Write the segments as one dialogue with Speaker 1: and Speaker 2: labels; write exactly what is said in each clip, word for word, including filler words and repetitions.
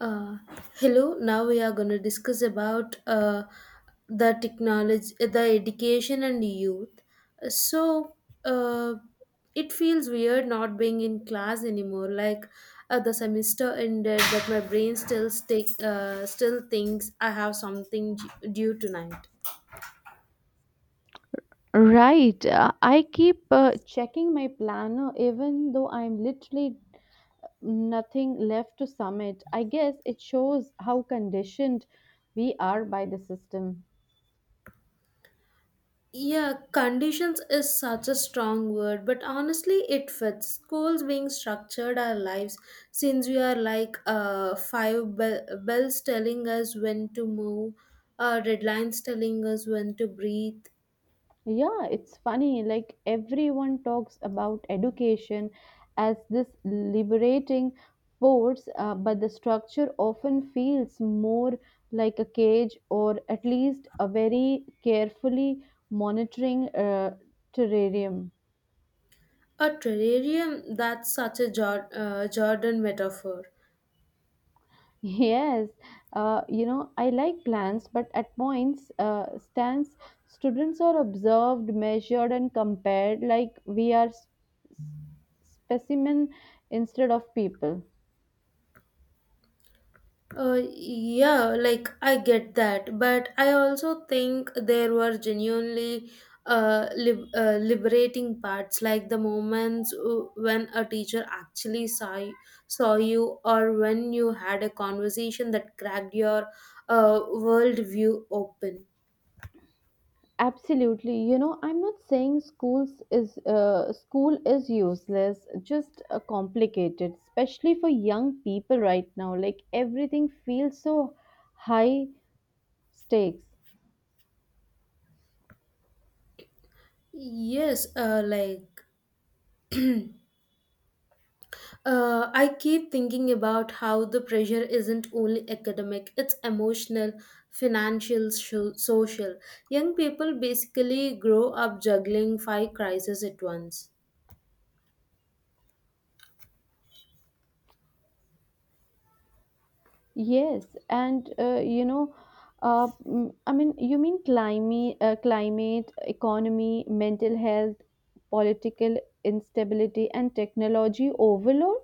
Speaker 1: Uh, Hello. Now we are going to discuss about uh, the technology, the education and youth. So uh, it feels weird not being in class anymore. Like uh, the semester ended, but my brain still stick, uh, still thinks I have something d- due tonight.
Speaker 2: Right. Uh, I keep uh, checking my planner even though I'm literally nothing left to submit. I guess it shows how conditioned we are by the system.
Speaker 1: Yeah, conditions is such a strong word, but honestly, it fits. Schools being structured our lives since we are like uh, five be- bells telling us when to move, uh, red lines telling us when to breathe.
Speaker 2: Yeah, it's funny. Like everyone talks about education as this liberating force, uh, but the structure often feels more like a cage, or at least a very carefully monitoring uh, terrarium.
Speaker 1: A terrarium, that's such a Jor- uh, Jordan metaphor.
Speaker 2: Yes, uh, you know, I like plans, but at points, uh, stands, students are observed, measured, and compared like we are s- s- specimen instead of people.
Speaker 1: Uh, yeah, like I get that, but I also think there were genuinely uh, lib- uh, liberating parts, like the moments uh, when a teacher actually saw you, saw you, or when you had a conversation that cracked your uh, worldview open.
Speaker 2: Absolutely. You know, I'm not saying schools is uh, school is useless, just uh, complicated, especially for young people right now. Like everything feels so high stakes.
Speaker 1: Yes, uh, like Uh, I keep thinking about how the pressure isn't only academic, it's emotional, financial, sho- social. Young people basically grow up juggling five crises at once.
Speaker 2: Yes, and uh, you know, uh, mm, I mean, you mean climate, uh, climate, economy, mental health, political instability, and technology overload?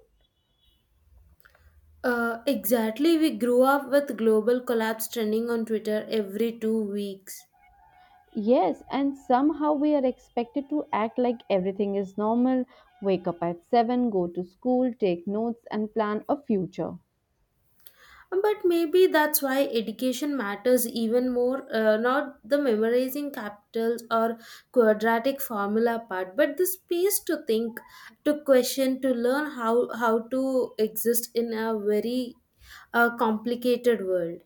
Speaker 1: Uh, exactly, we grew up with global collapse trending on Twitter every two weeks.
Speaker 2: Yes, and somehow we are expected to act like everything is normal, wake up at seven, go to school, take notes, and plan a future.
Speaker 1: But maybe that's why education matters even more, uh, not the memorizing capitals or quadratic formula part, but the space to think, to question, to learn how, how to exist in a very uh, complicated world.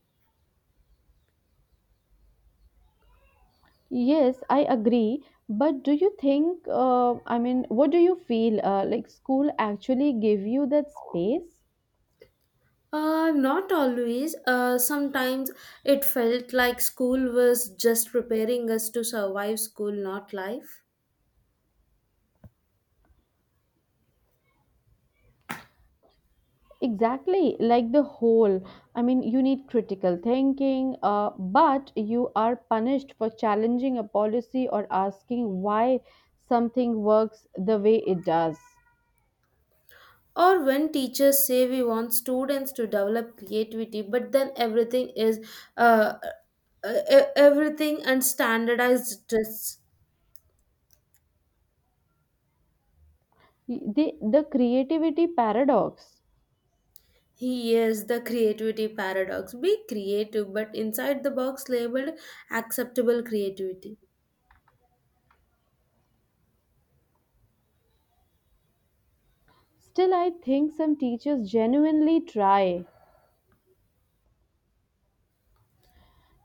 Speaker 2: Yes, I agree. But do you think, uh, I mean, what do you feel, uh, like school actually give you that space?
Speaker 1: Uh, not always. Uh, sometimes it felt like school was just preparing us to survive school, not life.
Speaker 2: Exactly, like the whole. I mean, you need critical thinking, uh, but you are punished for challenging a policy or asking why something works the way it does.
Speaker 1: Or when teachers say we want students to develop creativity, but then everything is uh, uh, e- everything and standardized tests.
Speaker 2: The, the creativity paradox.
Speaker 1: Here's the creativity paradox. Be creative, but inside the box labeled acceptable creativity.
Speaker 2: Still, I think some teachers genuinely try.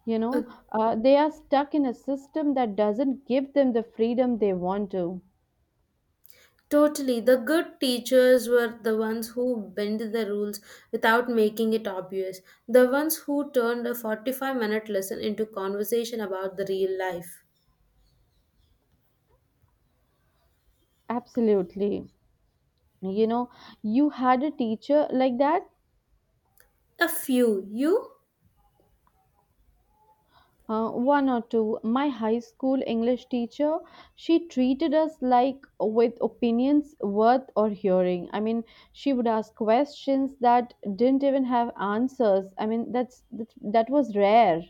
Speaker 2: You
Speaker 1: Uh,
Speaker 2: know, uh, they are stuck in a system that doesn't give them the freedom they want to.
Speaker 1: Totally. The good teachers were the ones who bend the rules without making it obvious. The ones who turned a forty-five minute lesson into conversation about the real life.
Speaker 2: Absolutely. You know, you had a teacher like that?
Speaker 1: A few. You?
Speaker 2: Uh, one or two. My high school English teacher, she treated us like with opinions worth or hearing. I mean, she would ask questions that didn't even have answers. I mean, that's that, that was rare.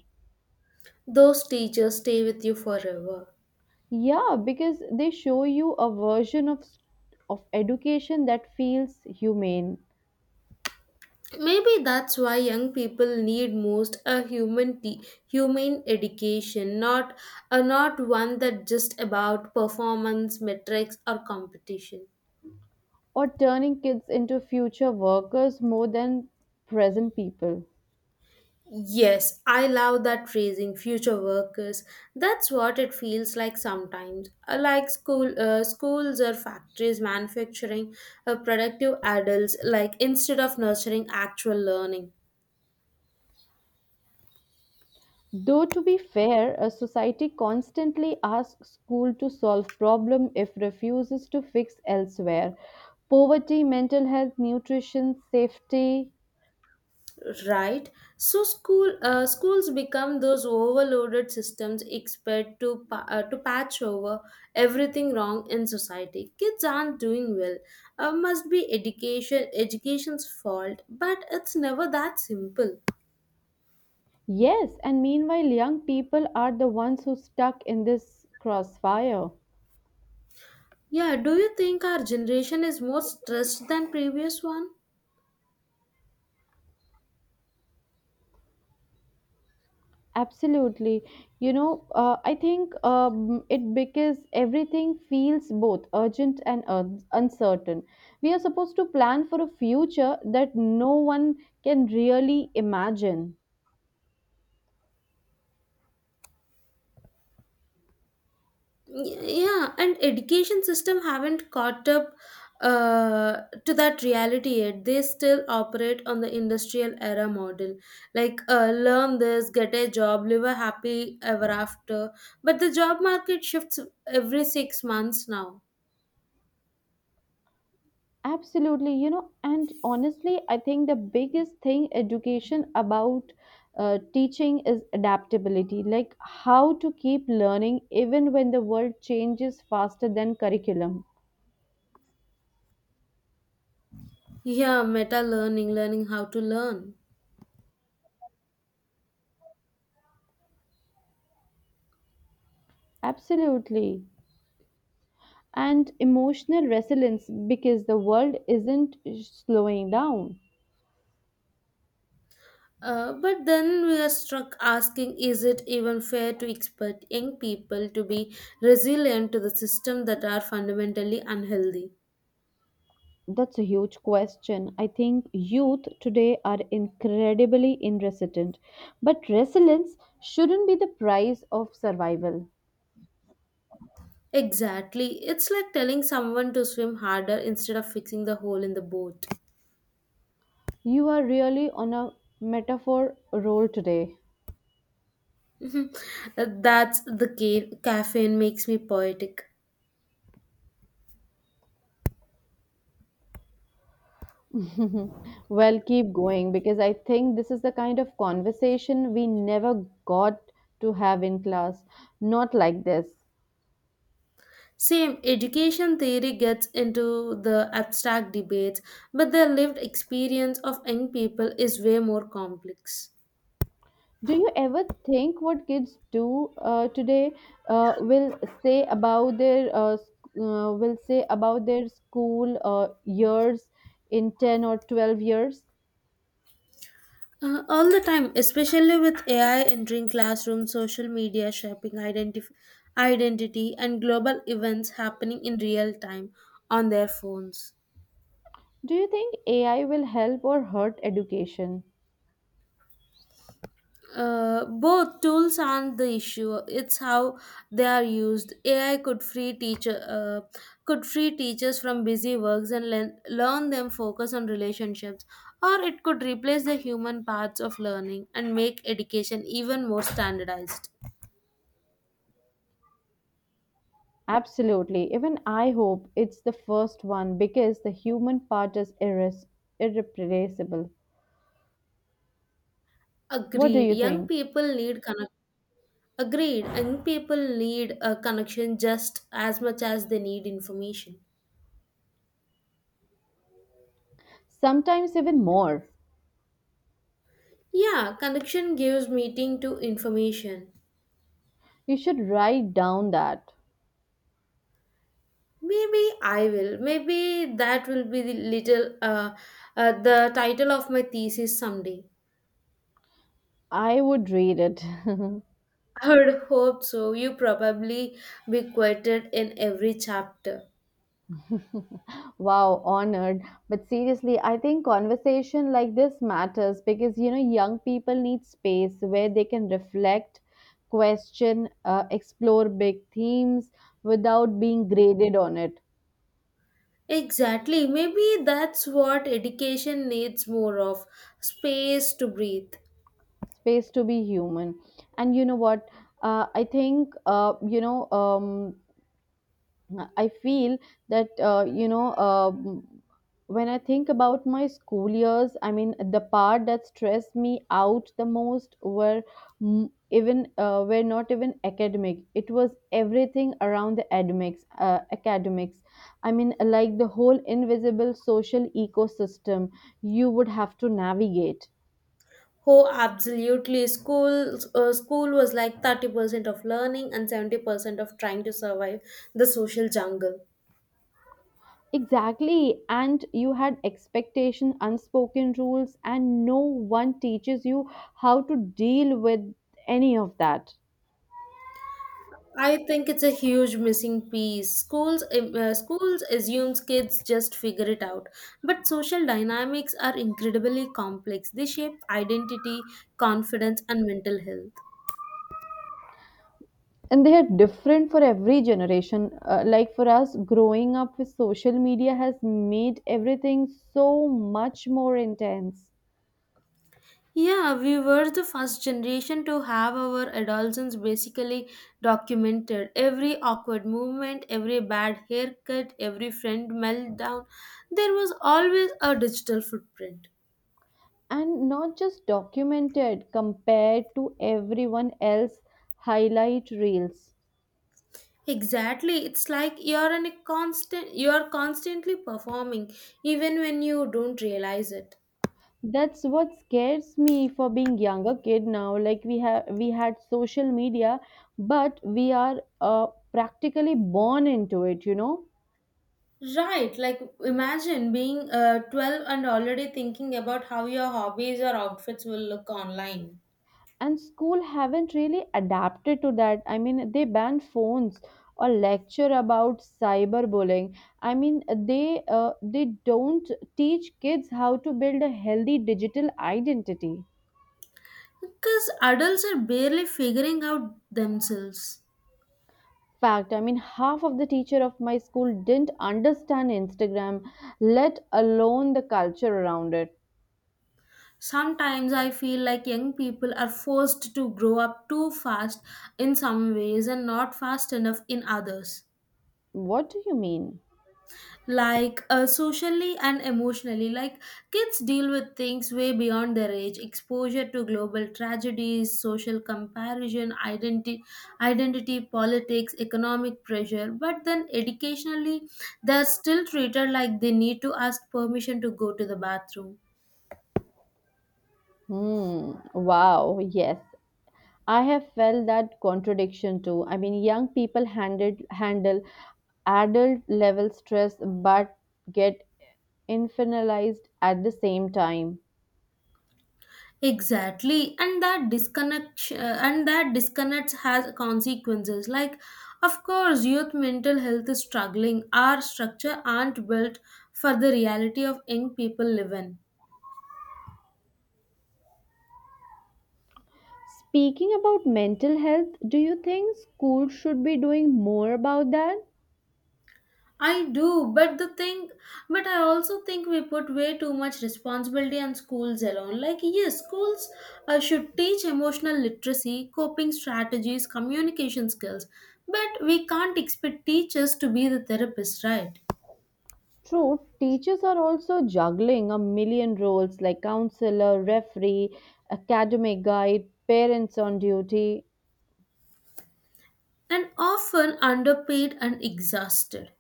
Speaker 1: Those teachers stay with you forever.
Speaker 2: Yeah, because they show you a version of s- of education that feels humane,
Speaker 1: Maybe that's why young people need most a human te- human education, not a not one that just about performance, metrics, or competition.
Speaker 2: or turning kids into future workers more than present people.
Speaker 1: Yes, I love that phrasing, future workers. That's what it feels like sometimes. Uh, Like school, uh, schools or factories manufacturing uh, productive adults, like instead of nurturing actual learning.
Speaker 2: Though to be fair, a society constantly asks school to solve problem if refuses to fix elsewhere. Poverty, mental health, nutrition, safety.
Speaker 1: Right, so school uh, schools become those overloaded systems expect to pa- uh, to patch over everything wrong in society. Kids aren't doing well, uh, must be education education's fault, but it's never that simple.
Speaker 2: Yes, and meanwhile young people are the ones who stuck in this crossfire.
Speaker 1: Yeah, do you think our generation is more stressed than previous one?
Speaker 2: Absolutely. You know, uh, I think, um, it because everything feels both urgent and un- uncertain. We are supposed to plan for a future that no one can really imagine.
Speaker 1: Yeah, and education system haven't caught up uh, to that reality yet. They still operate on the industrial era model, like uh, learn this, get a job, live a happy ever after, but the job market shifts every six months now.
Speaker 2: Absolutely, you know, and honestly, I think the biggest thing education about uh, teaching is adaptability, like how to keep learning even when the world changes faster than curriculum.
Speaker 1: Yeah, meta learning, learning how to learn.
Speaker 2: Absolutely. And emotional resilience because the world isn't slowing down.
Speaker 1: Uh, but then we are struck asking, is it even fair to expect young people to be resilient to the system that are fundamentally unhealthy?
Speaker 2: That's a huge question. I think youth today are incredibly inresilient, but resilience shouldn't be the price of survival.
Speaker 1: Exactly. It's like telling someone to swim harder instead of fixing the hole in the boat.
Speaker 2: You are really on a metaphor roll today.
Speaker 1: That's the ca- caffeine makes me poetic.
Speaker 2: Well, keep going because I think this is the kind of conversation we never got to have in class. Not like this.
Speaker 1: Same, education theory gets into the abstract debates, but the lived experience of young people is way more complex.
Speaker 2: Do you ever think what kids do uh, today, uh, will say about their uh, sc- uh, will say about their school uh, years in ten or twelve years?
Speaker 1: Uh, all the time, especially with A I entering classrooms, social media shaping identif- identity, and global events happening in real time on their phones.
Speaker 2: Do you think A I will help or hurt education?
Speaker 1: Uh, both tools aren't the issue. It's how they are used. A I could free teacher uh, could free teachers from busy works and learn, learn them focus on relationships, or it could replace the human parts of learning and make education even more standardized.
Speaker 2: Absolutely. Even I hope it's the first one because the human part is irres- irreplaceable. What do
Speaker 1: Agreed.
Speaker 2: you
Speaker 1: Young
Speaker 2: think?
Speaker 1: people need connect. Agreed. Young people need a connection just as much as they need information.
Speaker 2: Sometimes even more.
Speaker 1: Yeah, connection gives meaning to information.
Speaker 2: You should write down that.
Speaker 1: Maybe I will. Maybe that will be the little uh, uh, the title of my thesis someday.
Speaker 2: I would read it.
Speaker 1: I would hope so. You probably be quoted in every chapter.
Speaker 2: Wow, honored. But seriously, I think conversation like this matters because you know young people need space where they can reflect, question, uh, explore big themes without being graded on it.
Speaker 1: Exactly. Maybe that's what education needs more of, space to breathe.
Speaker 2: Space to be human. And you know what, uh, I think, uh, you know um, I feel that, uh, you know um when I think about my school years, I mean the part that stressed me out the most were, mm, even uh, were not even academic. It was everything around the academics, uh, academics I mean, like the whole invisible social ecosystem you would have to navigate.
Speaker 1: Oh, absolutely. School, uh, school was like thirty percent of learning and seventy percent of trying to survive the social jungle.
Speaker 2: Exactly, and you had expectations, unspoken rules, and no one teaches you how to deal with any of that.
Speaker 1: I think it's a huge missing piece. Schools um, uh, schools assumes kids just figure it out, but social dynamics are incredibly complex. They shape identity, confidence, and mental health.
Speaker 2: And they are different for every generation. Uh, like for us, growing up with social media has made everything so much more intense.
Speaker 1: Yeah, we were the first generation to have our adolescence basically documented. Every awkward movement, every bad haircut, every friend meltdown, there was always a digital footprint.
Speaker 2: And not just documented, compared to everyone else highlight reels.
Speaker 1: Exactly. It's like you're in a constant you are constantly performing even when you don't realize it.
Speaker 2: That's what scares me for being younger kid now. Like we have we had social media, but we are uh, practically born into it, you know.
Speaker 1: Right, like imagine being uh, twelve and already thinking about how your hobbies or outfits will look online.
Speaker 2: And school haven't really adapted to that. I mean, they ban phones or lecture about cyberbullying. I mean, they uh, they don't teach kids how to build a healthy digital identity.
Speaker 1: Because adults are barely figuring out themselves.
Speaker 2: Fact. I mean, half of the teacher of my school didn't understand Instagram, let alone the culture around it.
Speaker 1: Sometimes I feel like young people are forced to grow up too fast in some ways and not fast enough in others.
Speaker 2: What do you mean?
Speaker 1: Like uh, socially and emotionally, like kids deal with things way beyond their age, exposure to global tragedies, social comparison, identity identity politics, economic pressure, but then educationally they're still treated like they need to ask permission to go to the bathroom.
Speaker 2: Hmm, wow, yes. I have felt that contradiction too. I mean, young people handed, handle adult level stress but get infantilized at the same time.
Speaker 1: Exactly, and that disconnect uh, and that disconnect has consequences. Like of course youth mental health is struggling, our structure aren't built for the reality of young people live in.
Speaker 2: Speaking about mental health, do you think schools should be doing more about that?
Speaker 1: I do, but the thing, but I also think we put way too much responsibility on schools alone. Like yes, schools uh, should teach emotional literacy, coping strategies, communication skills, but we can't expect teachers to be the therapists, right?
Speaker 2: True, teachers are also juggling a million roles like counselor, referee, academic guide, parents on duty.
Speaker 1: And often underpaid and exhausted.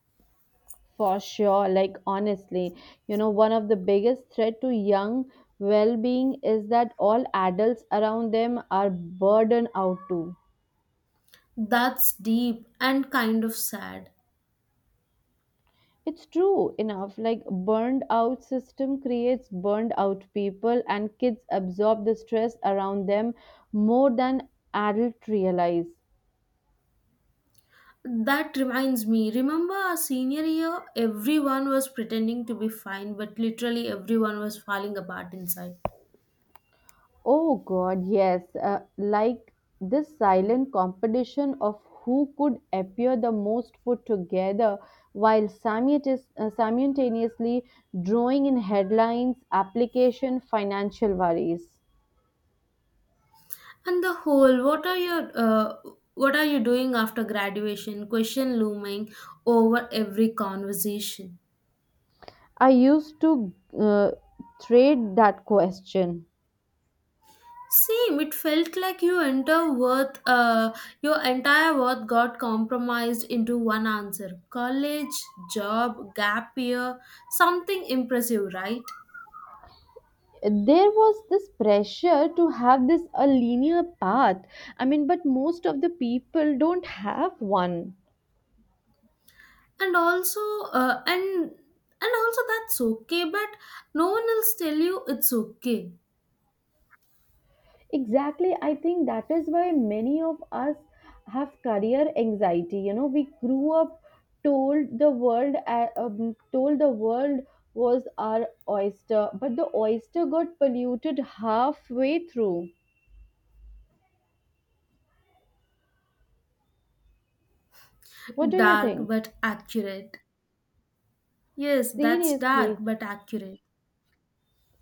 Speaker 2: For sure. Like, honestly, you know, one of the biggest threat to young well-being is that all adults around them are burdened out too.
Speaker 1: That's deep and kind of sad.
Speaker 2: It's true enough. Like burned out system creates burned out people, and kids absorb the stress around them more than adults realize.
Speaker 1: That reminds me, remember our senior year? Everyone was pretending to be fine, but literally everyone was falling apart inside.
Speaker 2: Oh God, yes. Uh, like this silent competition of who could appear the most put together while simultaneous- uh, simultaneously drawing in headlines, application, financial worries.
Speaker 1: And the whole, what are your, uh, what are you doing after graduation? Question looming over every conversation.
Speaker 2: I used to uh, trade that question.
Speaker 1: Same, it felt like you enter worth, uh, your entire worth got compromised into one answer. College, job, gap year, something impressive, right?
Speaker 2: There was this pressure to have this a linear path. I mean, but most of the people don't have one.
Speaker 1: And also, uh, and and also that's okay, but no one else tell you it's okay.
Speaker 2: Exactly, I think that is why many of us have career anxiety. You know, we grew up told the world uh, um, told the world was our oyster, but the oyster got polluted halfway through. What do you
Speaker 1: Dark
Speaker 2: think?
Speaker 1: but accurate. Yes, that's dark
Speaker 2: Seriously,
Speaker 1: but accurate.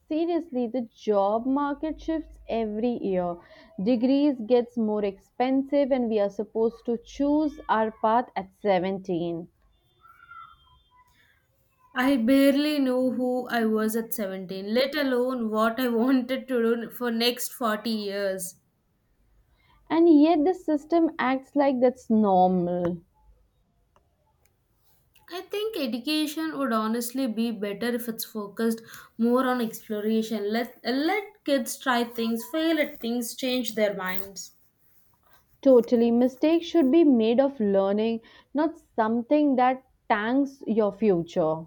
Speaker 2: seriously, the job market shifts every year. Degrees gets more expensive and we are supposed to choose our path at seventeen.
Speaker 1: I barely knew who I was at seventeen, let alone what I wanted to do for next forty years.
Speaker 2: And yet the system acts like that's normal.
Speaker 1: I think education would honestly be better if it's focused more on exploration. Let let kids try things, fail at things, change their minds.
Speaker 2: Totally. Mistakes should be made of learning, not something that tanks your future.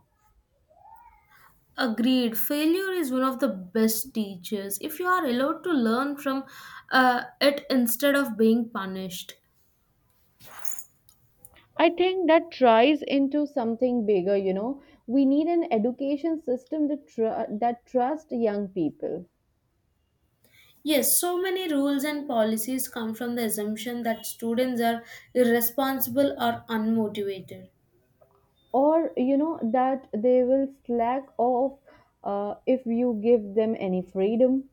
Speaker 1: Agreed. Failure is one of the best teachers, if you are allowed to learn from uh, it instead of being punished.
Speaker 2: I think that tries into something bigger, you know. We need an education system that, tr- that trusts young people.
Speaker 1: Yes, so many rules and policies come from the assumption that students are irresponsible or unmotivated.
Speaker 2: Or, you know, that they will slack off uh, if you give them any freedom.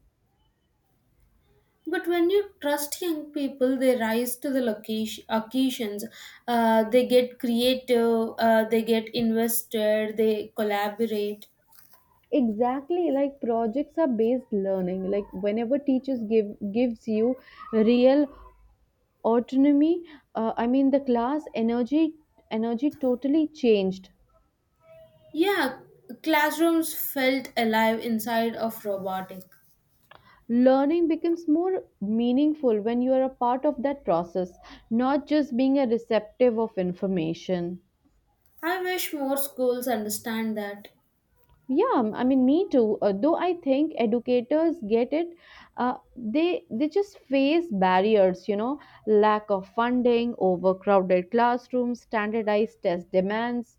Speaker 1: But when you trust young people, they rise to the location, occasions. Uh, they get creative, uh, they get invested, they collaborate.
Speaker 2: Exactly, like projects are based learning. Like whenever teachers give gives you real autonomy, uh, I mean the class energy energy totally changed.
Speaker 1: Yeah, classrooms felt alive inside of robotic.
Speaker 2: Learning becomes more meaningful when you are a part of that process, not just being a receptive of information.
Speaker 1: I wish more schools understand that.
Speaker 2: Yeah, I mean me too. Uh, though I think educators get it. Uh, they they just face barriers, you know: lack of funding, overcrowded classrooms, standardized test demands.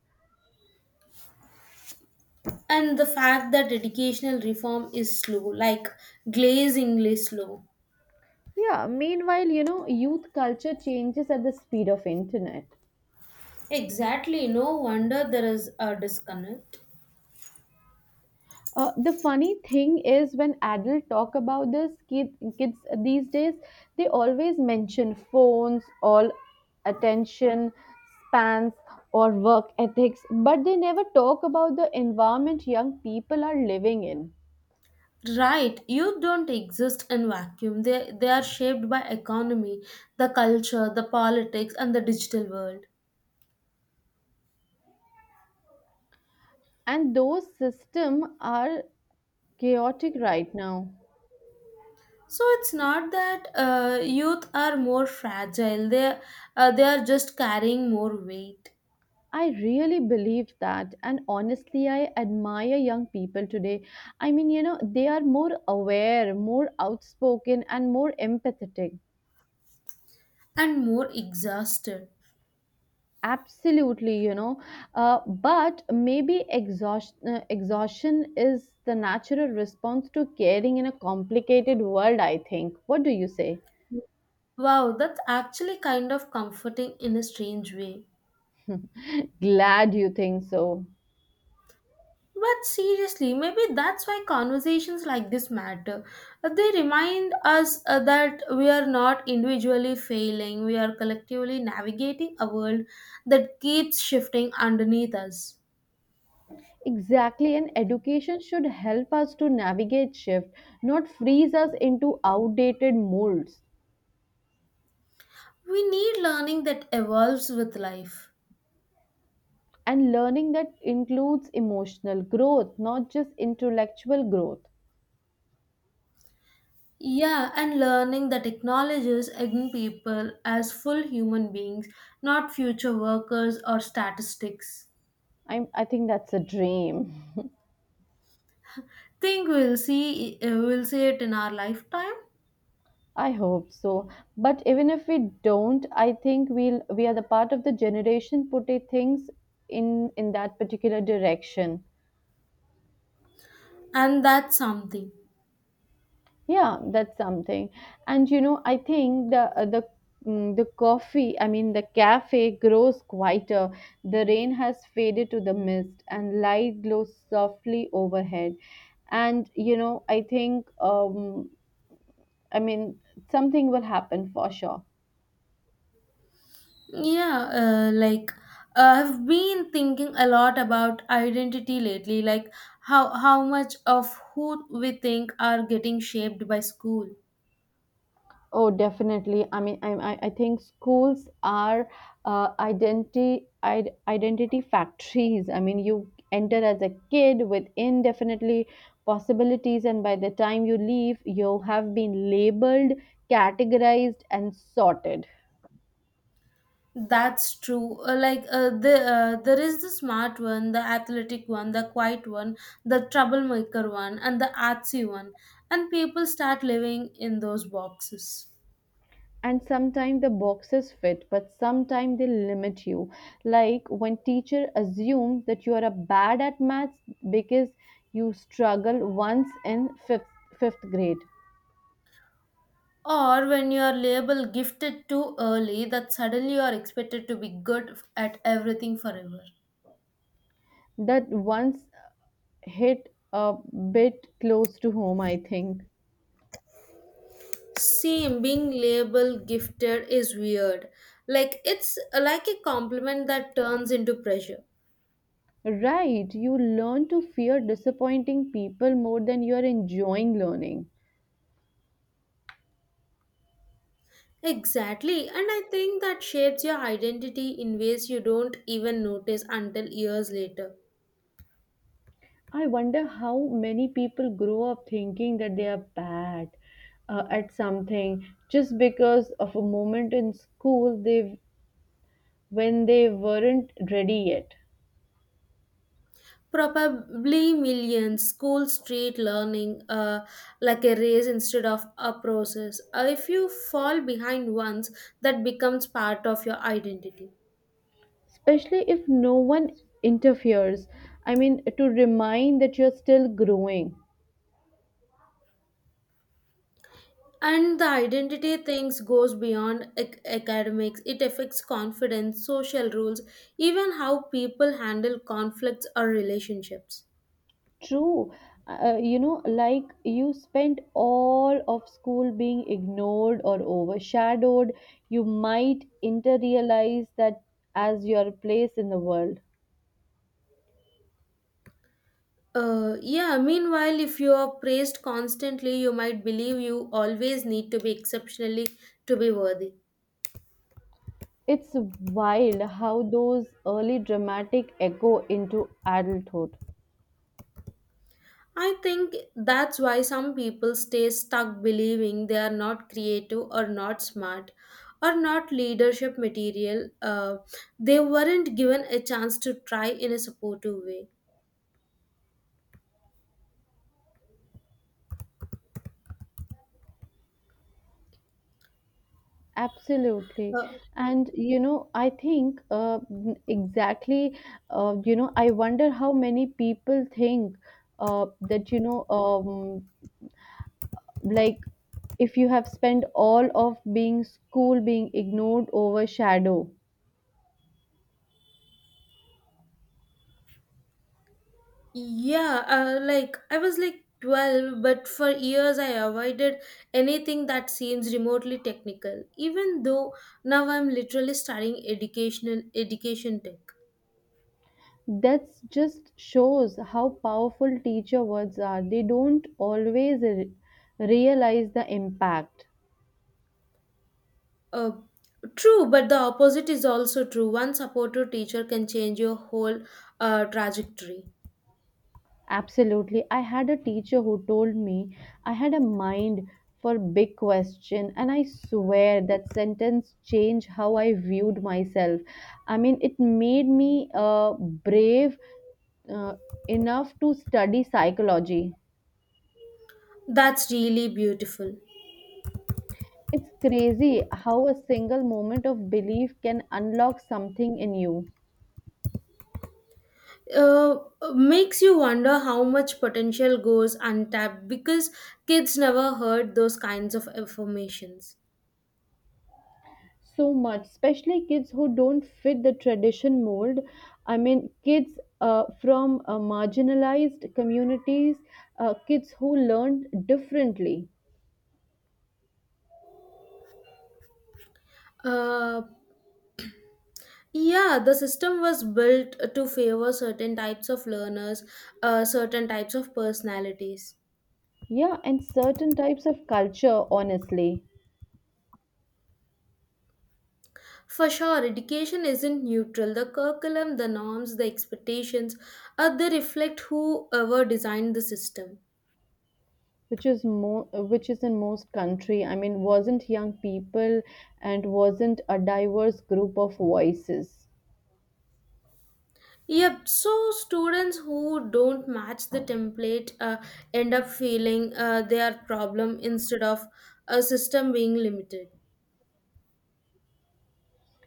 Speaker 1: And the fact that educational reform is slow, like glazingly slow.
Speaker 2: Yeah, meanwhile, you know, youth culture changes at the speed of internet.
Speaker 1: Exactly, no wonder there is a disconnect.
Speaker 2: Uh, the funny thing is when adults talk about this kid, kids these days, they always mention phones all attention spans or work ethics, but they never talk about the environment young people are living in.
Speaker 1: Right, youth don't exist in vacuum. They they are shaped by economy, the culture, the politics, and the digital world.
Speaker 2: And those systems are chaotic right now.
Speaker 1: So it's not that uh, youth are more fragile. They uh, they are just carrying more weight
Speaker 2: I really believe that, and honestly I admire young people today. I mean, you know, they are more aware, more outspoken, and more empathetic.
Speaker 1: and more exhausted.
Speaker 2: Absolutely, you know, uh, but maybe exhaustion, uh, exhaustion is the natural response to caring in a complicated world, I think. What do you say?
Speaker 1: Wow, that's actually kind of comforting in a strange way.
Speaker 2: Glad you think so.
Speaker 1: But seriously, maybe that's why conversations like this matter. Uh, They remind us uh, that we are not individually failing, we are collectively navigating a world that keeps shifting underneath us.
Speaker 2: Exactly, and education should help us to navigate shift, not freeze us into outdated molds.
Speaker 1: We need learning that evolves with life.
Speaker 2: And learning that includes emotional growth, not just intellectual growth.
Speaker 1: Yeah, and learning that acknowledges young people as full human beings, not future workers or statistics.
Speaker 2: I, I think that's a dream.
Speaker 1: Think we'll see uh, we'll see it in our lifetime,
Speaker 2: I hope so. But even if we don't, I think we'll we are the part of the generation putting things in in that particular direction.
Speaker 1: and that's something.
Speaker 2: Yeah, that's something. And you know, I think the uh, the mm, the coffee, I mean, the cafe grows quieter. The rain has faded to the mist, and light glows softly overhead. And you know, I think, um, I mean, something will happen for sure.
Speaker 1: Yeah, uh, like uh, I've been thinking a lot about identity lately, like how how much of who we think are getting shaped by school.
Speaker 2: Oh, definitely. I mean, I, I I think schools are uh, identity id- identity factories. I mean, you enter as a kid with indefinitely possibilities, and by the time you leave, you have been labeled, categorized, and sorted.
Speaker 1: That's true. Uh, like uh, the uh, there is the smart one, the athletic one, the quiet one, the troublemaker one, and the artsy one, and people start living in those boxes.
Speaker 2: And sometimes the boxes fit, but sometimes they limit you. Like when teacher assume that you are a bad at maths because you struggle once in fifth fifth grade.
Speaker 1: Or when you are labeled gifted too early, that suddenly you are expected to be good at everything forever.
Speaker 2: That once hit a bit close to home, I think.
Speaker 1: Same, being labeled gifted is weird. Like it's like a compliment that turns into pressure.
Speaker 2: Right, you learn to fear disappointing people more than you are enjoying learning.
Speaker 1: Exactly, and I think that shapes your identity in ways you don't even notice until years later.
Speaker 2: I wonder how many people grow up thinking that they are bad uh, at something, just because of a moment in school they when they weren't ready yet.
Speaker 1: Probably millions, school street learning, uh, like a race instead of a process. Uh, if you fall behind once, that becomes part of your identity.
Speaker 2: Especially if no one interferes. I mean, to remind that you're still growing.
Speaker 1: And the identity things goes beyond ac- academics. It affects confidence, social rules, even how people handle conflicts or relationships.
Speaker 2: True. Uh, uh, you know, like you spent all of school being ignored or overshadowed, you might inter realize that as your place in the world.
Speaker 1: Uh, yeah, meanwhile, if you are praised constantly, you might believe you always need to be exceptionally to be worthy.
Speaker 2: It's wild how those early dramatic echo into adulthood.
Speaker 1: I think that's why some people stay stuck believing they are not creative or not smart or not leadership material. Uh, they weren't given a chance to try in a supportive way.
Speaker 2: Absolutely.
Speaker 1: Uh,
Speaker 2: And, you know, I think uh, n- exactly, uh, you know, I wonder how many people think uh, that, you know, um, like if you have spent all of being school being ignored over shadow.
Speaker 1: yeah, uh, like I was like twelve, but for years I avoided anything that seems remotely technical, even though now I'm literally studying educational education tech.
Speaker 2: That's just shows how powerful teacher words are. They don't always re- realize the impact.
Speaker 1: Uh, True, but the opposite is also true. One supportive teacher can change your whole uh, trajectory.
Speaker 2: Absolutely. I had a teacher who told me I had a mind for big question, and I swear that sentence changed how I viewed myself. I mean, it made me uh, brave uh, enough to study psychology.
Speaker 1: That's really beautiful.
Speaker 2: It's crazy how a single moment of belief can unlock something in you.
Speaker 1: Uh, Makes you wonder how much potential goes untapped because kids never heard those kinds of informations.
Speaker 2: So much, especially kids who don't fit the tradition mold. I mean, kids uh, from uh, marginalized communities, uh, kids who learned differently.
Speaker 1: Uh, yeah, the system was built to favor certain types of learners, uh, certain types of personalities.
Speaker 2: Yeah, and certain types of culture, honestly.
Speaker 1: For sure, education isn't neutral. The curriculum, the norms, the expectations, uh, they reflect whoever designed the system.
Speaker 2: Which is more which is in most country. I mean, wasn't young people and wasn't a diverse group of voices.
Speaker 1: Yep, so students who don't match the template uh, end up feeling uh, their problem instead of a system being limited.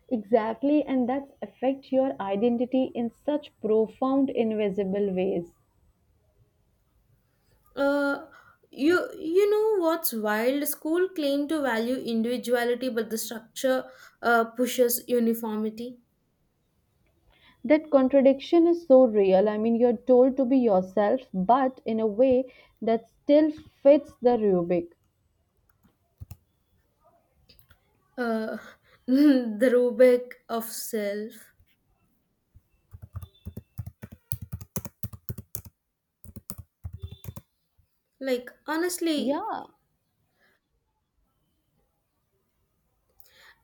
Speaker 2: Exactly, and that's affect your identity in such profound invisible ways.
Speaker 1: Uh, you you know what's wild? School claim to value individuality, but the structure uh, pushes uniformity.
Speaker 2: That contradiction is so real. I mean, you're told to be yourself, but in a way that still fits the rubric.
Speaker 1: Uh, the rubric of self. Like, honestly,
Speaker 2: Yeah,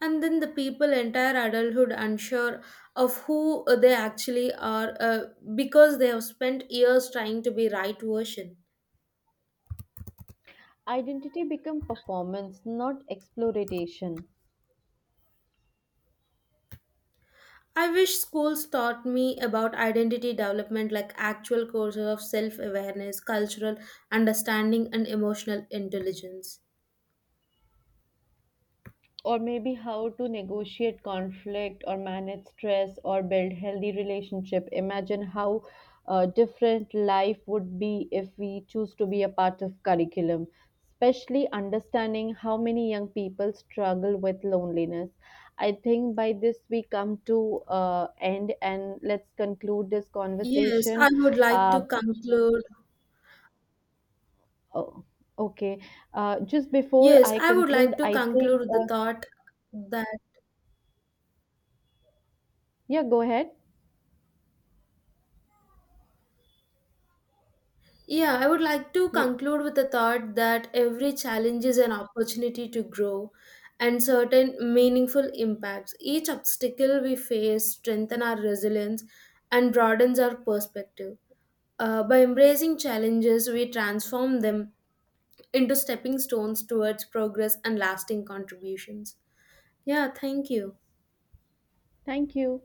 Speaker 1: and then the people entire adulthood unsure of who they actually are uh, because they have spent years trying to be right version.
Speaker 2: identity become performance, not exploitation.
Speaker 1: I wish schools taught me about identity development, like actual courses of self awareness, cultural understanding, and emotional intelligence.
Speaker 2: Or maybe how to negotiate conflict or manage stress or build healthy relationship. Imagine how uh, different life would be if we choose to be a part of curriculum, especially understanding how many young people struggle with loneliness. I think by this we come to uh, end, and let's conclude this
Speaker 1: Yes,
Speaker 2: conversation.
Speaker 1: I would like
Speaker 2: uh,
Speaker 1: to conclude.
Speaker 2: oh, okay. Uh, just before
Speaker 1: Yes,
Speaker 2: I
Speaker 1: I would
Speaker 2: conclude,
Speaker 1: like to
Speaker 2: I think,
Speaker 1: conclude the
Speaker 2: uh,
Speaker 1: thought that,
Speaker 2: yeah, go ahead.
Speaker 1: yeah, I would like to
Speaker 2: Ye-
Speaker 1: conclude with the thought that every challenge is an opportunity to grow and certain meaningful impacts. Each obstacle we face strengthens our resilience and broadens our perspective. Uh, by embracing challenges, we transform them into stepping stones towards progress and lasting contributions. Yeah, thank you.
Speaker 2: Thank you.